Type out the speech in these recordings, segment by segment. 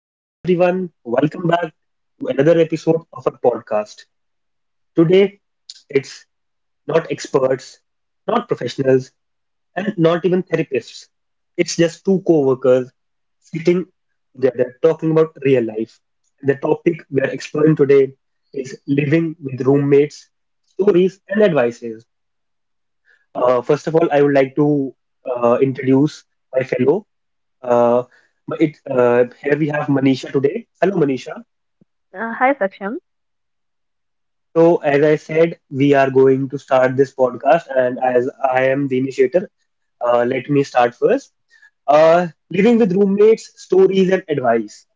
Hello, everyone. Welcome back to another episode of our podcast. Today, it's not experts, not professionals, and not even therapists. It's just two co workers sitting together talking about real life. The topic we are exploring today is living with roommates, stories, and advices. First of all, I would like to introduce my fellow. Uh, Here we have Manisha today. Hello, Manisha. Hi, Saksham. So, as I said, we are going to start this podcast, and as I am the initiator, let me start first. Living with roommates, stories and advice.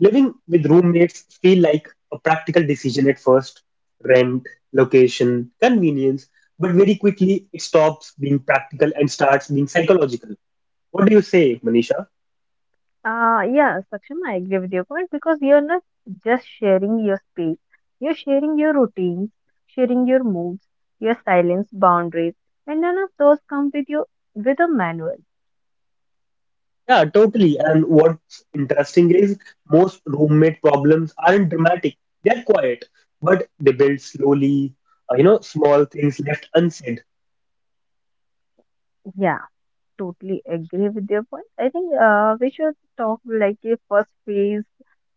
Living with roommates feel like a practical decision at first, rent, location, convenience, but very quickly it stops being practical and starts being psychological. What do you say, Manisha? Yeah, Saksham, I agree with your point because you're not just sharing your space, you're sharing your routines, sharing your moods, your silence, boundaries, and none of those come with you with a manual. Yeah, totally. And what's interesting is most roommate problems aren't dramatic. They're quiet, but they build slowly. Small things left unsaid, Yeah, totally agree with your point. I think we should talk like a first phase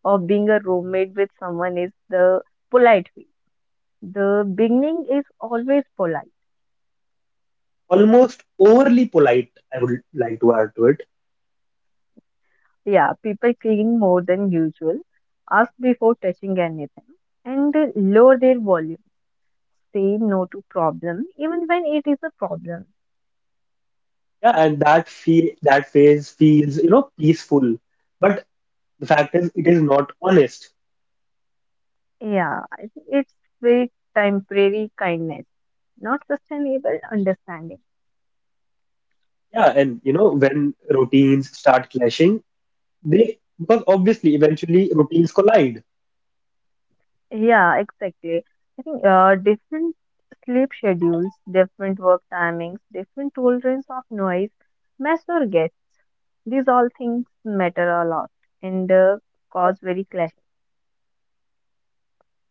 of being a roommate with someone is the polite phase. The beginning is always polite. almost overly polite. I would like to add to it. Yeah, people clean more than usual, ask before touching anything, and lower their volume. Say no to problem, even when it is a problem. Yeah, and that phase feels peaceful, but the fact is it is not honest. Yeah, I think it's very temporary kindness, not sustainable understanding. Yeah, and you know when routines start clashing, they because obviously eventually routines collide. Yeah, exactly. I think different sleep schedules, different work timings, different tolerance of noise, mess or get, these all things matter a lot and cause very clash.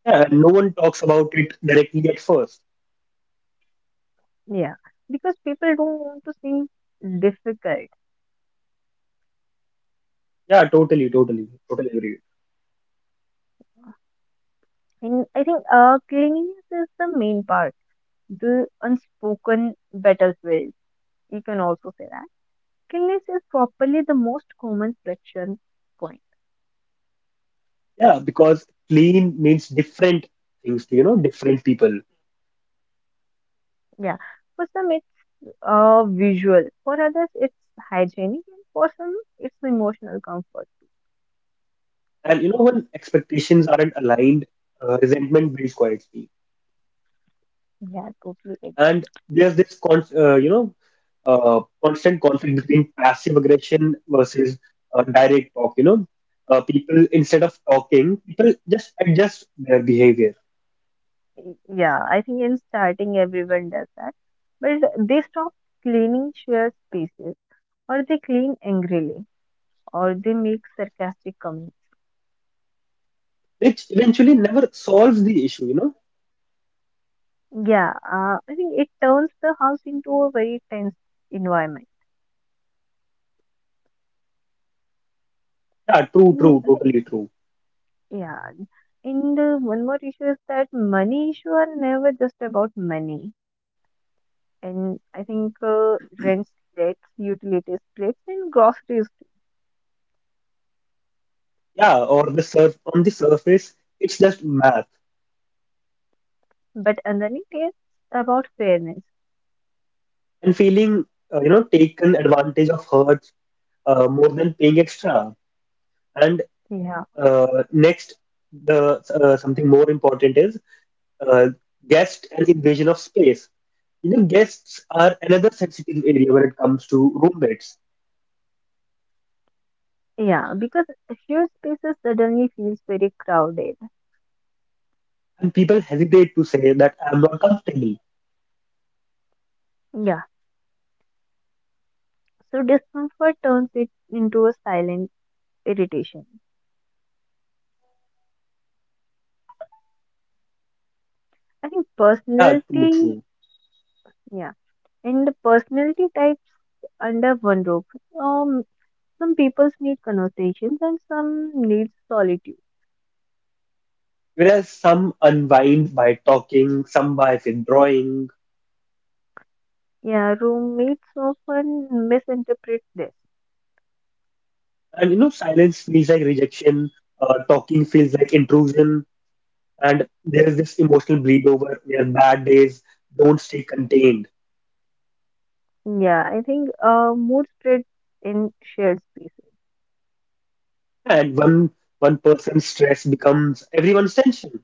Yeah, and no one talks about it directly at first. Yeah, because people don't want to seem difficult. Yeah, totally, totally, totally agree. And I think cleanliness is the main part, the unspoken battlefield. You can also say that. Cleanliness is probably the most common friction point. Yeah, because clean means different things to different people. Yeah, for some it's visual, for others it's hygienic, and for some it's emotional comfort. And when expectations aren't aligned, resentment builds quietly. Yeah, totally agree. And there's this, constant conflict between passive aggression versus direct talk. People, instead of talking, people just adjust their behavior, Yeah, I think in starting everyone does that, but they stop cleaning shared spaces or they clean angrily or they make sarcastic comments. which eventually never solves the issue. Yeah, I think it turns the house into a very tense environment. Yeah, true, Mm, true, mm, totally true. Yeah, and one more issue is that money issue are never just about money. And I think rents, debts, utilities, plates, and groceries, too. Yeah, or the surf on the surface, it's just math, But underneath it's about fairness. and feeling taken advantage of hurts more than paying extra. And Yeah, next the something more important is uh, guest and invasion of space. You know, guests are another sensitive area when it comes to roommates, yeah, because shared spaces suddenly feels very crowded. and people hesitate to say that I'm not comfortable. Yeah, so discomfort turns it into a silent irritation. I think Yeah, too personality, true. yeah, and the personality types under one roof. Um, some people need conversations and some need solitude. Whereas some unwind by talking, some by withdrawing, Yeah, roommates often misinterpret this. and you know, silence feels like rejection, talking feels like intrusion. And there is this emotional bleed over where bad days don't stay contained, Yeah, I think mood spreads in shared spaces, and one person's stress becomes everyone's tension.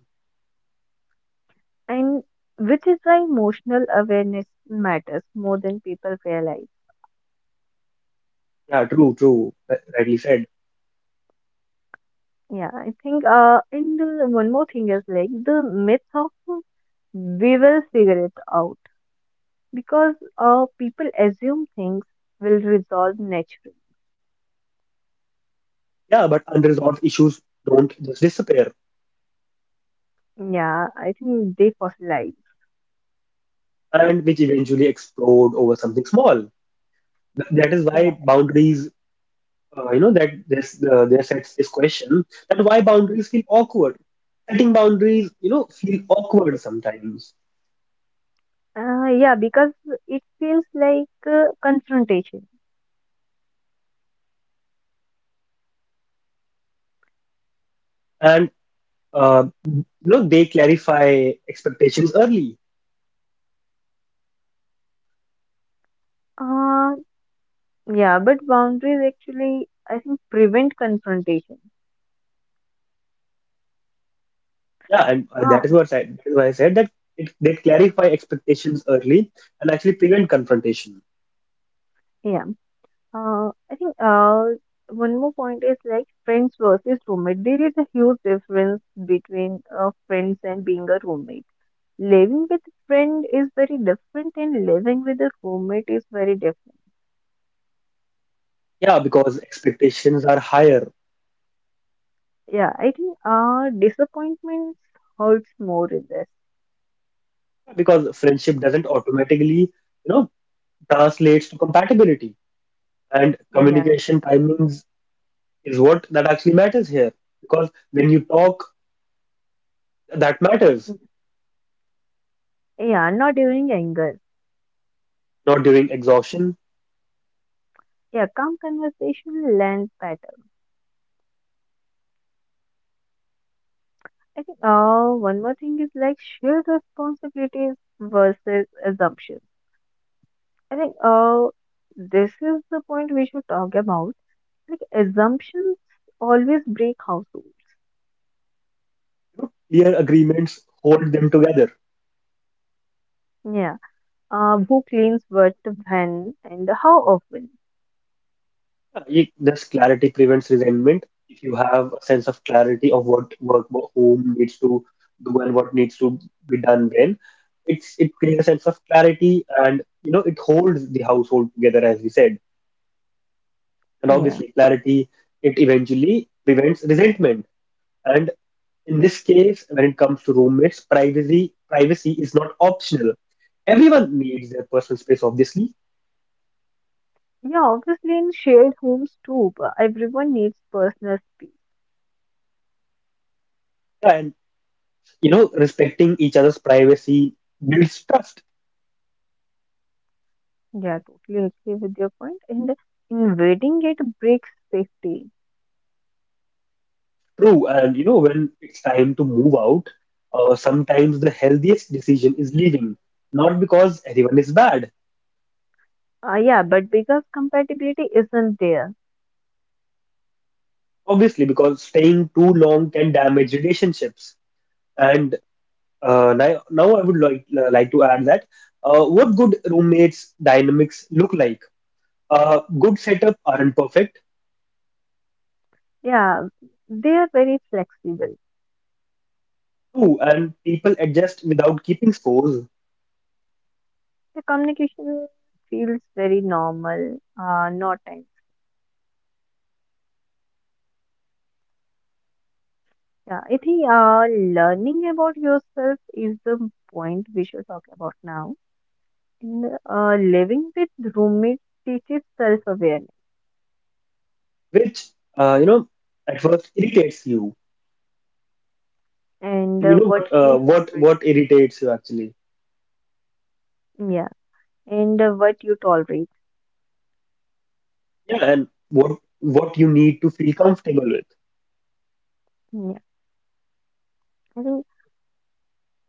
and which is why emotional awareness matters more than people realize. Yeah, true, true, rightly said. Yeah, I think. And One more thing is like the myth of we will figure it out because people assume things will resolve naturally. Yeah, but unresolved issues don't just disappear, Yeah, I think they fossilize. and which eventually explode over something small. That is why Yeah, boundaries. You know that this There sets this question, that why boundaries feel awkward. Setting boundaries, feel awkward sometimes, yeah, because it feels like confrontation. and uh, they clarify expectations early. Uh, yeah, but boundaries actually, I think, prevent confrontation. Yeah, and Ah, that is why I said that they clarify expectations early and actually prevent confrontation. yeah. I think one more point is like friends versus roommate. There is a huge difference between friends and being a roommate. Living with a friend is very different and living with a roommate is very different. Yeah, because expectations are higher. Yeah, I think disappointments hurts more in this. Because friendship doesn't automatically, you know, translates to compatibility. And Yeah, communication timings is what that actually matters here. Because when you talk, that matters. yeah, not during anger. Not during exhaustion. Yeah, calm conversation lands better. I think one more thing is like shared responsibilities versus assumptions. I think this is the point we should talk about. Like assumptions always break households. Clear agreements hold them together. Yeah. Who cleans what when and how often? This clarity prevents resentment. If you have a sense of clarity of what whom needs to do and what needs to be done when, it creates a sense of clarity, and you know it holds the household together as we said. And Yeah. obviously clarity it eventually prevents resentment. And in this case, when it comes to roommates, privacy is not optional. Everyone needs their personal space, obviously. Yeah, obviously in shared homes too, but everyone needs personal space. And you know, respecting each other's privacy builds trust. Yeah, totally agree with your point. And invading it breaks safety. True. And you know, when it's time to move out, sometimes the healthiest decision is leaving. Not because everyone is bad, Yeah, but because compatibility isn't there, obviously, because staying too long can damage relationships. And now I would like to add that what good roommates dynamics look like. Good setup aren't perfect, yeah, they are very flexible. too, and people adjust without keeping scores, The communication feels very normal, not time. Yeah, I think learning about yourself is the point we should talk about now. Living with roommates teaches self-awareness which uh, you know at first irritates you. and You know what what uh, you what tolerate. what irritates you actually? Yeah, and what you tolerate. Yeah, and what you need to feel comfortable with. Yeah, I think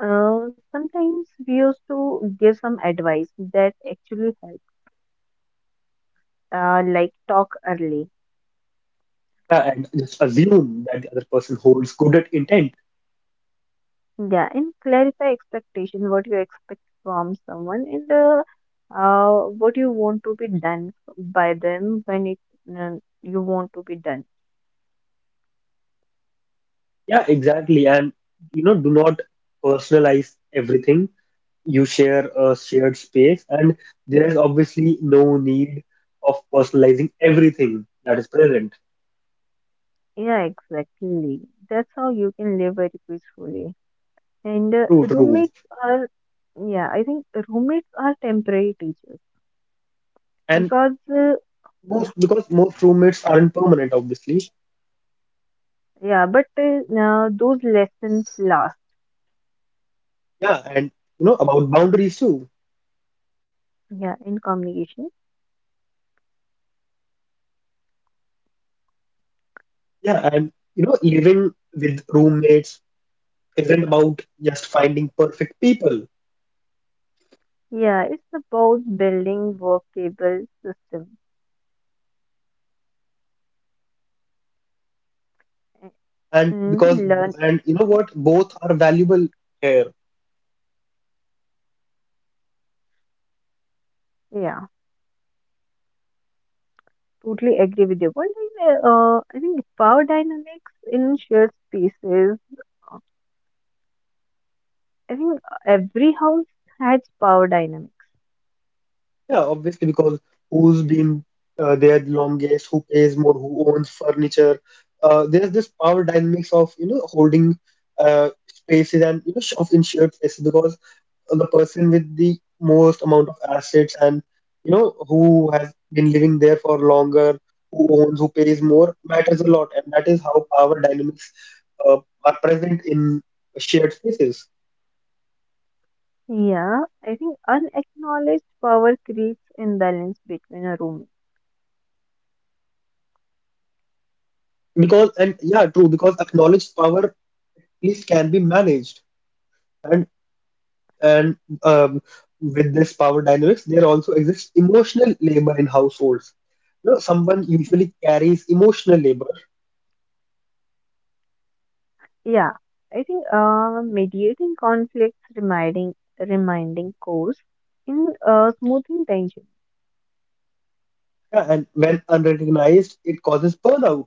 sometimes we used to give some advice that actually helps, like talk early. Yeah, and just assume that the other person holds good at intent. Yeah, and clarify expectation, what you expect from someone, and what you want to be done by them when it uh, you want to be done. Yeah, exactly. And you know, do not personalize everything. You share a shared space, and there is obviously no need of personalizing everything that is present. Yeah, exactly. That's how you can live very peacefully. And True, true. roommates are, yeah, I think roommates are temporary teachers And because, yeah, most because most roommates aren't permanent, obviously. yeah, but now those lessons last, Yeah, and you know about boundaries too. yeah, in communication. Yeah, and you know, living with roommates isn't about just finding perfect people. Yeah, it's about building workable system And and because learn. and You know Yeah, what, both are valuable here. yeah, totally agree with you. One thing, I think power dynamics in shared spaces. I think every house has power dynamics. Yeah, obviously, because who's been there the longest, who pays more, who owns furniture. There's this power dynamics of, you know, holding spaces, and you know, of in shared spaces, because the person with the most amount of assets and you know who has been living there for longer, who owns, who pays more, matters a lot. And that is how power dynamics uh, are present in shared spaces. Yeah, I think unacknowledged power creates imbalance between a room. Because and Yeah, true, because acknowledged power is can be managed. And and um, with this power dynamics there also exists emotional labor in households. You know, someone usually carries emotional labor. Yeah, I think mediating conflicts, reminding course in smoothing tension. Yeah, and when unrecognized it causes burnout.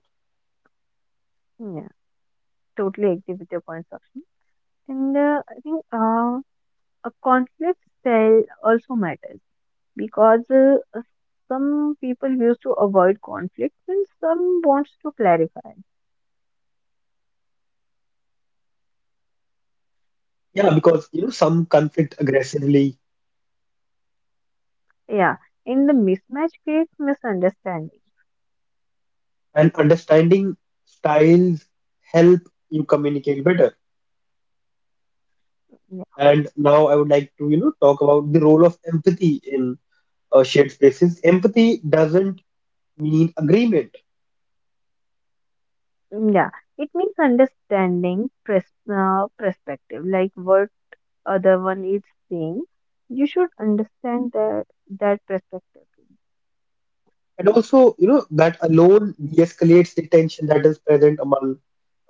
Yeah, totally agree with your point, Sakshi. And I think a conflict style also matters because some people used to avoid conflict and some wants to clarify. Yeah, because you know some conflict aggressively, Yeah, in the mismatch creates misunderstanding. and understanding styles help you communicate better. And now I would like to talk about the role of empathy in shared spaces. Empathy doesn't mean agreement, Yeah, it means understanding perspective, like what other one is saying. You should understand that that perspective. and also you know that alone de-escalates the tension that is present among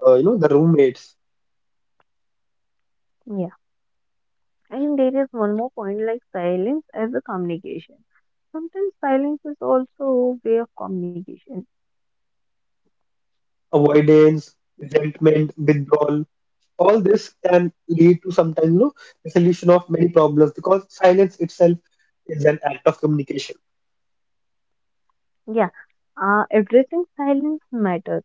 the roommates. Yeah, and there is one more point, like silence as a communication. Sometimes silence is also a way of communication. Avoidance, resentment, withdrawal, all this can lead to sometimes, you know, resolution of many problems, because silence itself is an act of communication. Yeah, addressing silence matters.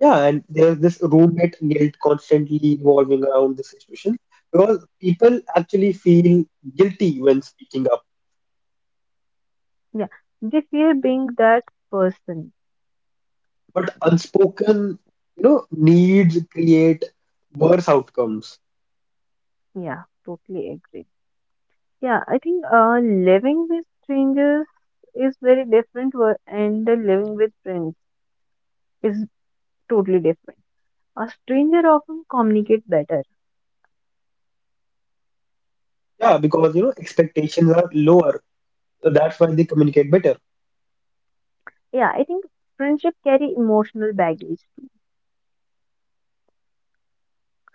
Yeah, and there's this roommate guilt constantly evolving around this situation, because people actually feel guilty when speaking up, Yeah, they fear being that person. but unspoken, you know, needs create worse outcomes. Yeah, totally agree. Yeah, I think living with strangers is very different, and the living with friends is totally different. A stranger often communicates better. Yeah, because you know expectations are lower, so that's why they communicate better. Yeah, I think friendship carry emotional baggage too.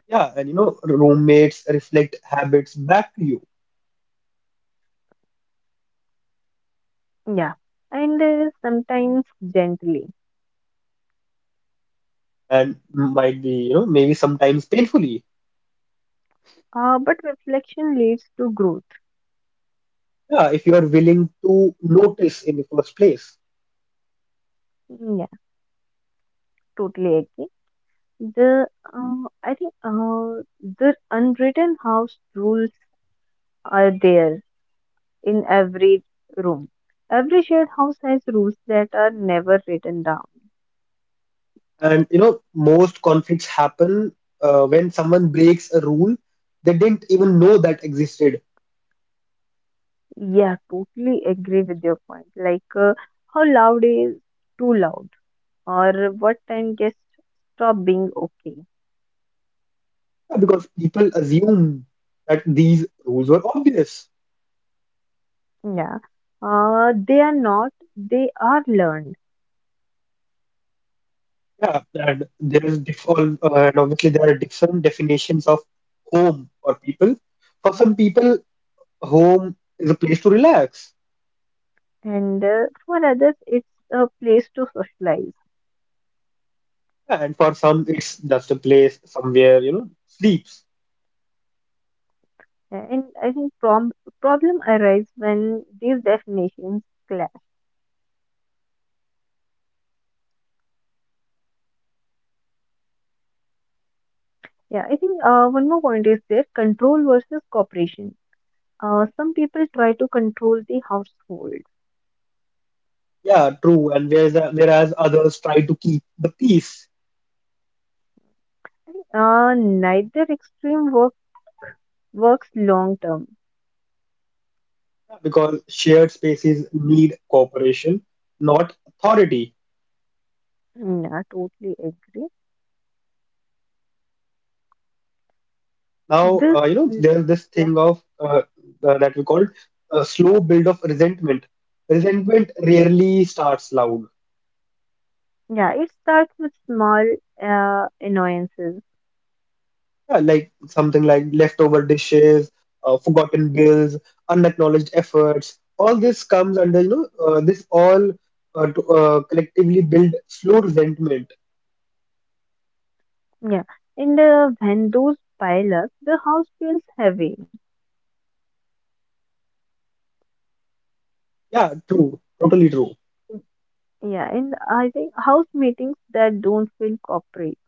Yeah, and you know roommates reflect habits back to you, Yeah, and sometimes gently. and might be, you know, maybe sometimes painfully. But reflection leads to growth. Yeah, if you are willing to notice in the first place. Yeah, totally agree. The I think the unwritten house rules are there in every room. Every shared house has rules that are never written down. And, you know, most conflicts happen when someone breaks a rule they didn't even know that existed. Yeah, totally agree with your point. Like how loud is too loud, or what time guests stop being okay. Yeah, because people assume that these rules were obvious. Yeah, they are not. They are learned, Yeah, and there is diff all, and obviously there are different definitions of home for people. For some people, home is a place to relax. and for others, it's a place to socialize. Yeah. And for some, it's just a place somewhere, you know, sleeps. And I think problem arise when these definitions clash. Yeah, I think one more point is there: control versus cooperation. Some people try to control the household. Yeah, true. And whereas others try to keep the peace. Neither extreme works long term. Yeah, because shared spaces need cooperation, not authority. Yeah, totally agree. Now, This, mm, there's this yeah, thing of that we call slow build of resentment. Resentment rarely starts loud. yeah, it starts with small annoyances. Yeah, like something like leftover dishes, forgotten bills, unacknowledged efforts. All this comes under, collectively build slow resentment. Yeah, and when those pile up, the house feels heavy. Yeah, true, I totally true. think- Yeah, and I think house meetings that don't feel corporate,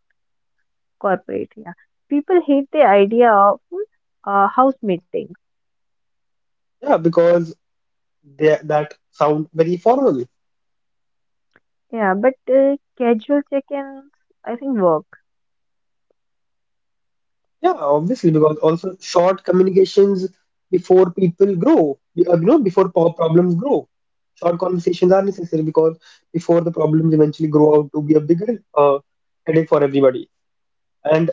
corporate. Yeah, people hate the idea of house meeting. Yeah, because that sound very formal. Yeah, but casual check-ins, I think, work. Yeah, obviously, because also short communications before people grow, you know, before problems grow. Short conversations are necessary because before the problems eventually grow out to be a bigger headache for everybody. And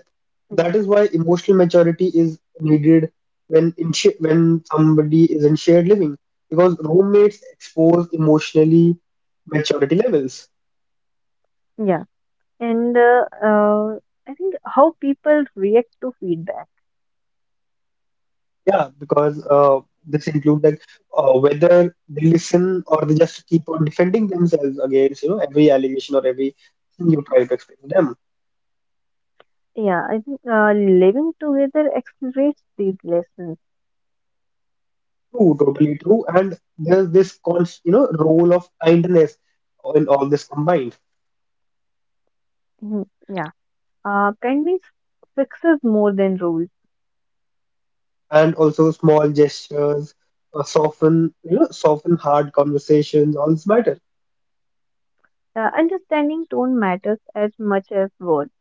Yeah, that is why emotional maturity is needed when in sh when somebody is in shared living because roommates expose emotionally maturity levels. yeah, and I think how people react to feedback. Yeah, because this include whether they listen or they just keep on defending themselves against you know every allegation or every thing you try to explain to them. Yeah, I think living together accelerates these lessons. True, totally true. And there's this const you know role of kindness in all this combined. Mhm. Yeah, kindness fixes more than rules. And also small gestures soften you know soften hard conversations, all this matter. Understanding tone matters as much as words.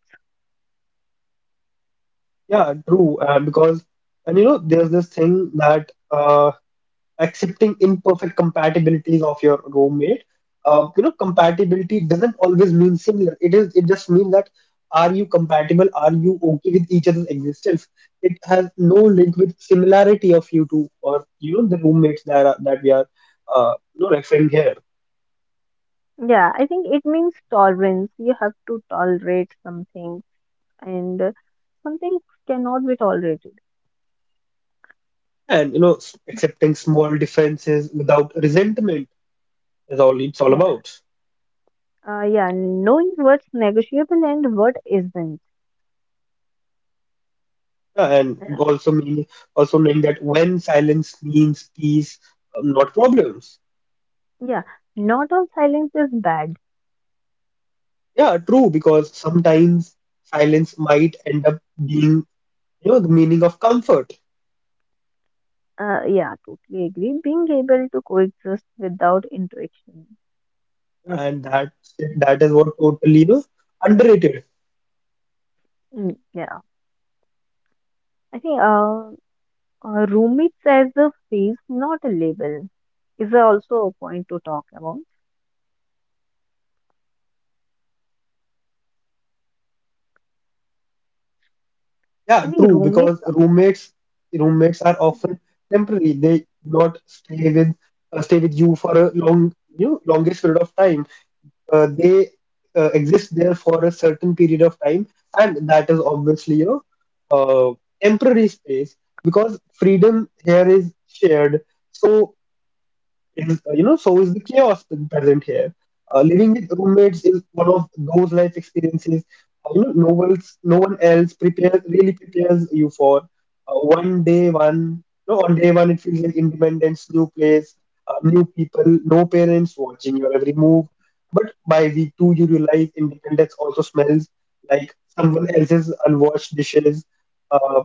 Yeah, true, because, and you know, there's this thing that accepting imperfect compatibilities of your roommate, you know, compatibility doesn't always mean similar. It just means that, are you compatible, are you okay with each other's existence. It has no link with similarity of you two, or you know, the roommates that we are referring here. Yeah, I think it means tolerance. You have to tolerate some things, and some things cannot be tolerated. And you know, accepting small differences without resentment is all it's all about. Yeah, knowing what's negotiable and what isn't. Yeah, and Yeah, also meaning also knowing that when silence means peace, not problems. yeah. Not all silence is bad. Yeah, true, because sometimes silence might end up being, you know, the meaning of comfort, Yeah, totally agree. Being able to coexist without interaction. and that is what totally, you know, underrated. Yeah, I think roommates as a phase, not a label, is also a point to talk about. Yeah, I think true, roommates, because roommates are yeah, often temporary. They do not stay with you for a long, you know, longest period of time. They exist there for a certain period of time, and that is obviously a uh, temporary space because freedom here is shared. So so is the chaos present here. Living with roommates is one of those life experiences. No one else prepares really prepares you for one day one no on day one it feels like independence, new place, new people, no parents watching your every move. But by week two, you realize independence also smells like someone else's unwashed dishes. uh,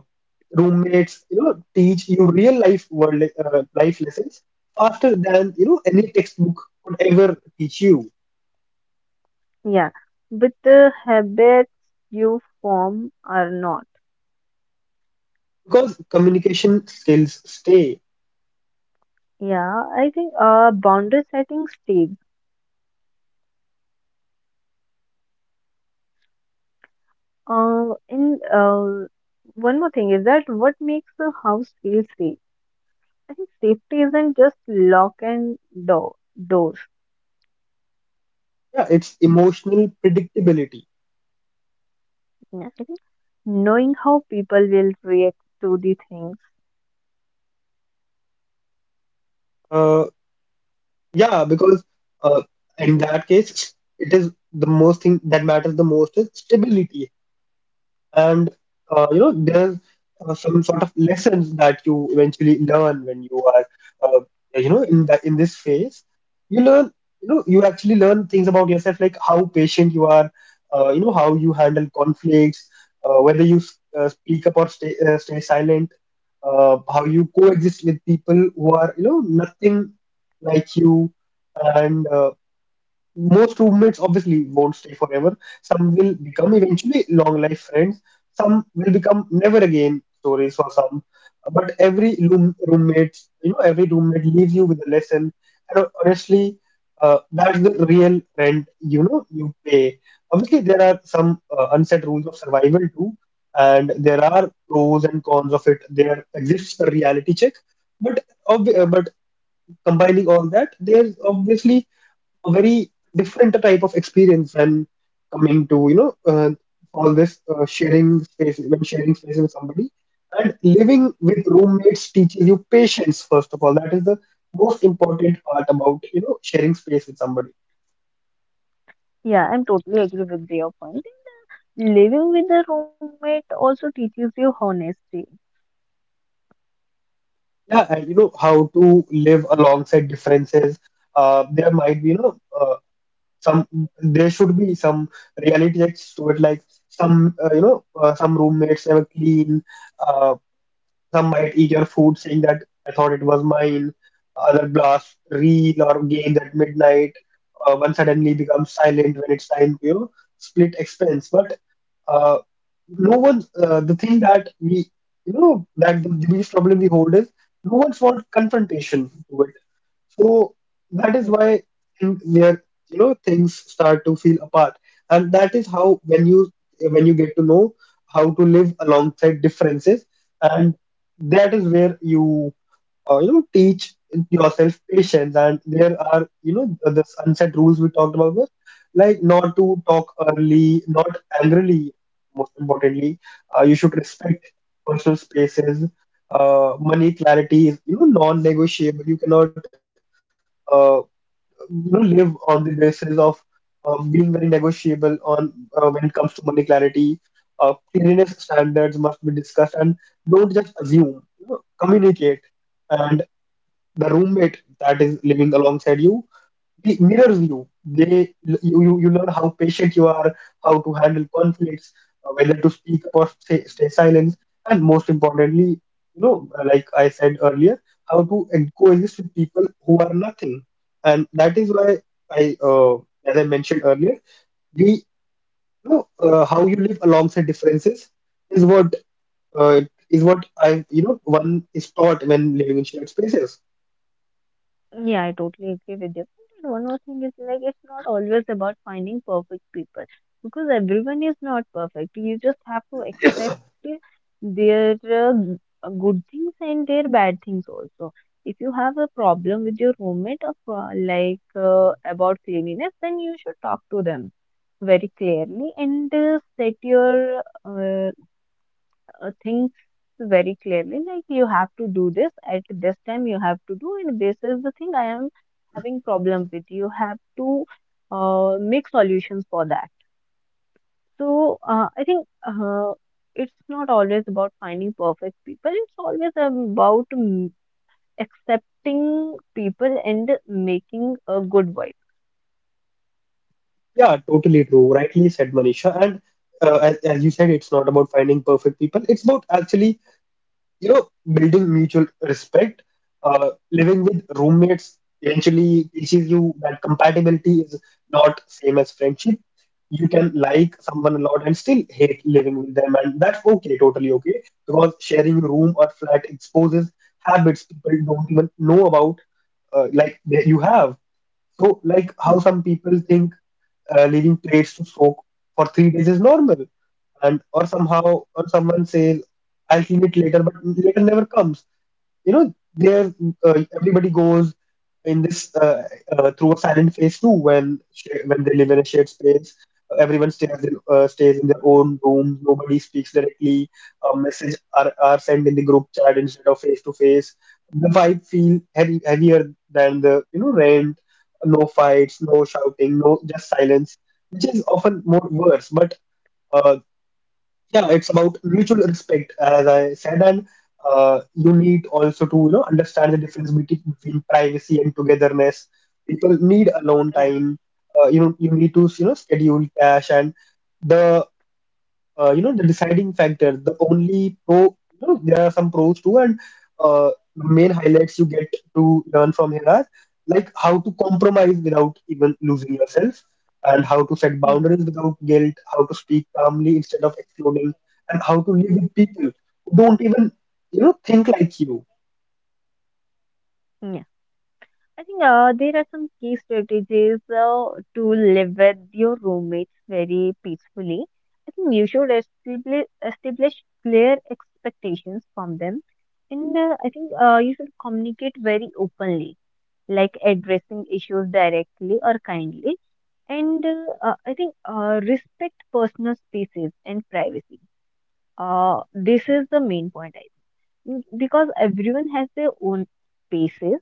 Roommates teach you real life lessons faster than any textbook could ever teach you, yeah, but the habits you form are not. because communication skills stay. Yeah, I think boundary setting stays. And One more thing is that what makes the house feel safe? I think safety isn't just lock and door doors. Yeah, it's emotional predictability. Yeah. I think knowing how people will react to the things. uh yeah, because uh in that case, it is the most thing that matters the most is stability. And there's some sort of lessons that you eventually learn when you are uh, in this phase. You learn you know you actually learn things about yourself, like how patient you are, how you handle conflicts, whether you speak up or stay silent, how you coexist with people who are nothing like you. And most roommates obviously won't stay forever. Some will become eventually long life friends. Some will become never again stories for some. But every roommate, every roommate leaves you with a lesson. And honestly, that's the real rent you pay. Obviously, there are some unset rules of survival too, and there are pros and cons of it. There exists a reality check, but Yeah. but combining all that, there's obviously a very different type of experience when coming to all this sharing space, when sharing space with somebody. And living with roommates teaches you patience, first of all. That is the most important part about sharing space with somebody. Yeah, I'm totally agree with your point. Living with a roommate also teaches you honesty. Yeah, and how to live alongside differences. There might be some, there should be some reality checks to it, like some, some roommates never clean. uh, Some might eat your food saying that, "I thought it was mine." Other blast reel or games at midnight. One suddenly becomes silent when it's time to, split expense. But uh, no one, the thing that we, that the biggest problem we hold is no one wants confrontation to, so that Yeah. is why, where things start to feel apart. And that is how, when you get to know how to live alongside differences, and that is where you you know teach yourself patience. And there are the sunset rules we talked about, were, like, not to talk early, not angrily. Most importantly, you should respect personal spaces. Money clarity is non-negotiable. You cannot uh, live on the basis of being very negotiable on, when it comes to money clarity. Cleanliness standards must be discussed, and don't just assume, communicate. And the roommate that is living alongside you, they mirrors you. They, you learn how patient you are, how to handle conflicts, whether to speak or stay silent. And most importantly, like I said earlier, how to coexist with people who are nothing. And that is why I as I mentioned earlier, the how you live alongside differences is what, uh, is what I you know one is taught when living in shared spaces. Yeah, I totally agree with you. And one more thing is like it's not always about finding perfect people because everyone is not perfect. You just have to accept their good things and their bad things also. If you have a problem with your roommate of about cleanliness, then you should talk to them very clearly and set your uh, things very clearly, like you have to do this at this time you have to do and this is the thing I am having problem with, you have to make solutions for that. So I think it's not always about finding perfect people, it's always about accepting people and making a good vibe. Yeah, totally true. Rightly said, Manisha. And as, you said, it's not about finding perfect people. It's about actually, building mutual respect. Living with roommates eventually teaches you that compatibility is not same as friendship. You can like someone a lot and still hate living with them, and that's okay, totally okay, because sharing a room or flat exposes habits people don't even know about, like that you have. So, like how Yeah, some people think leaving plates to soak for 3 days is normal, and or somehow, or someone says, "I'll clean it later," but later never comes. You know there Everybody goes in this, through a silent phase too, when when they live in a shared space. Everyone stays in their own room. Nobody speaks directly. Messages are sent in the group chat instead of face to face. The vibe feel heavy, heavier than the rent. No fights, no shouting, no, just silence, which is often more worse. But uh, yeah, it's about mutual respect, as I said. And you need also to understand the difference between, privacy and togetherness. People need alone yeah, time. You need to schedule cash and the the deciding factor, the only pro. There are some pros too. And uh, the main highlights you get to learn from here are, like, how to compromise without even losing yourself, and how to set yeah, boundaries without guilt, how to speak calmly instead of exploding, and how to live with people who don't even think like you. yeah. I think there are some key strategies to live with your roommates very peacefully. I think you should establish clear expectations from them. And I think you should communicate very openly, like addressing issues directly or kindly. And I think respect personal spaces and privacy. This is the main point. Because everyone has their own paces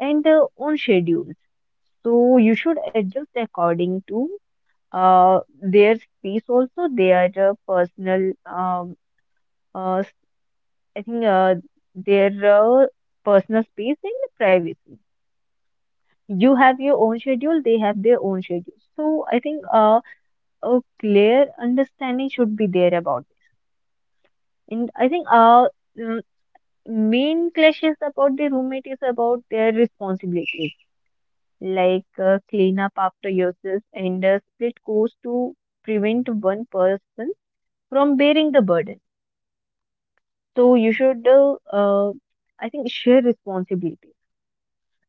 and their own schedules. So you should adjust according to their space also, their personal, uh, s- I think their personal space and privacy. You have your own schedule, they have their own schedule. So I think a clear understanding should be there about this. And I think mm, main clashes about the roommate is about their responsibilities, like clean up after yourself and split costs to prevent one person from bearing the burden. So you should, I think, share responsibility.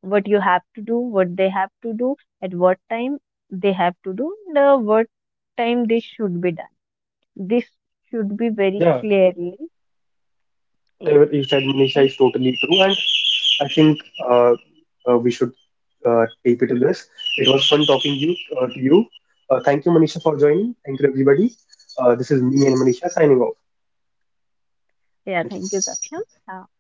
What you have to do, what they have to do, at what time they have to do, and what time this should be done. This should be very Yeah, clearly. Yeah. whatever you said, Manisha, And is totally true. And I think uh, we should tape it to this. It was fun talking you to you. Thank you, Manisha, for joining. Thank you, everybody. This is me and Manisha signing off. yeah, Thank you. thank you, Saksham. Uh,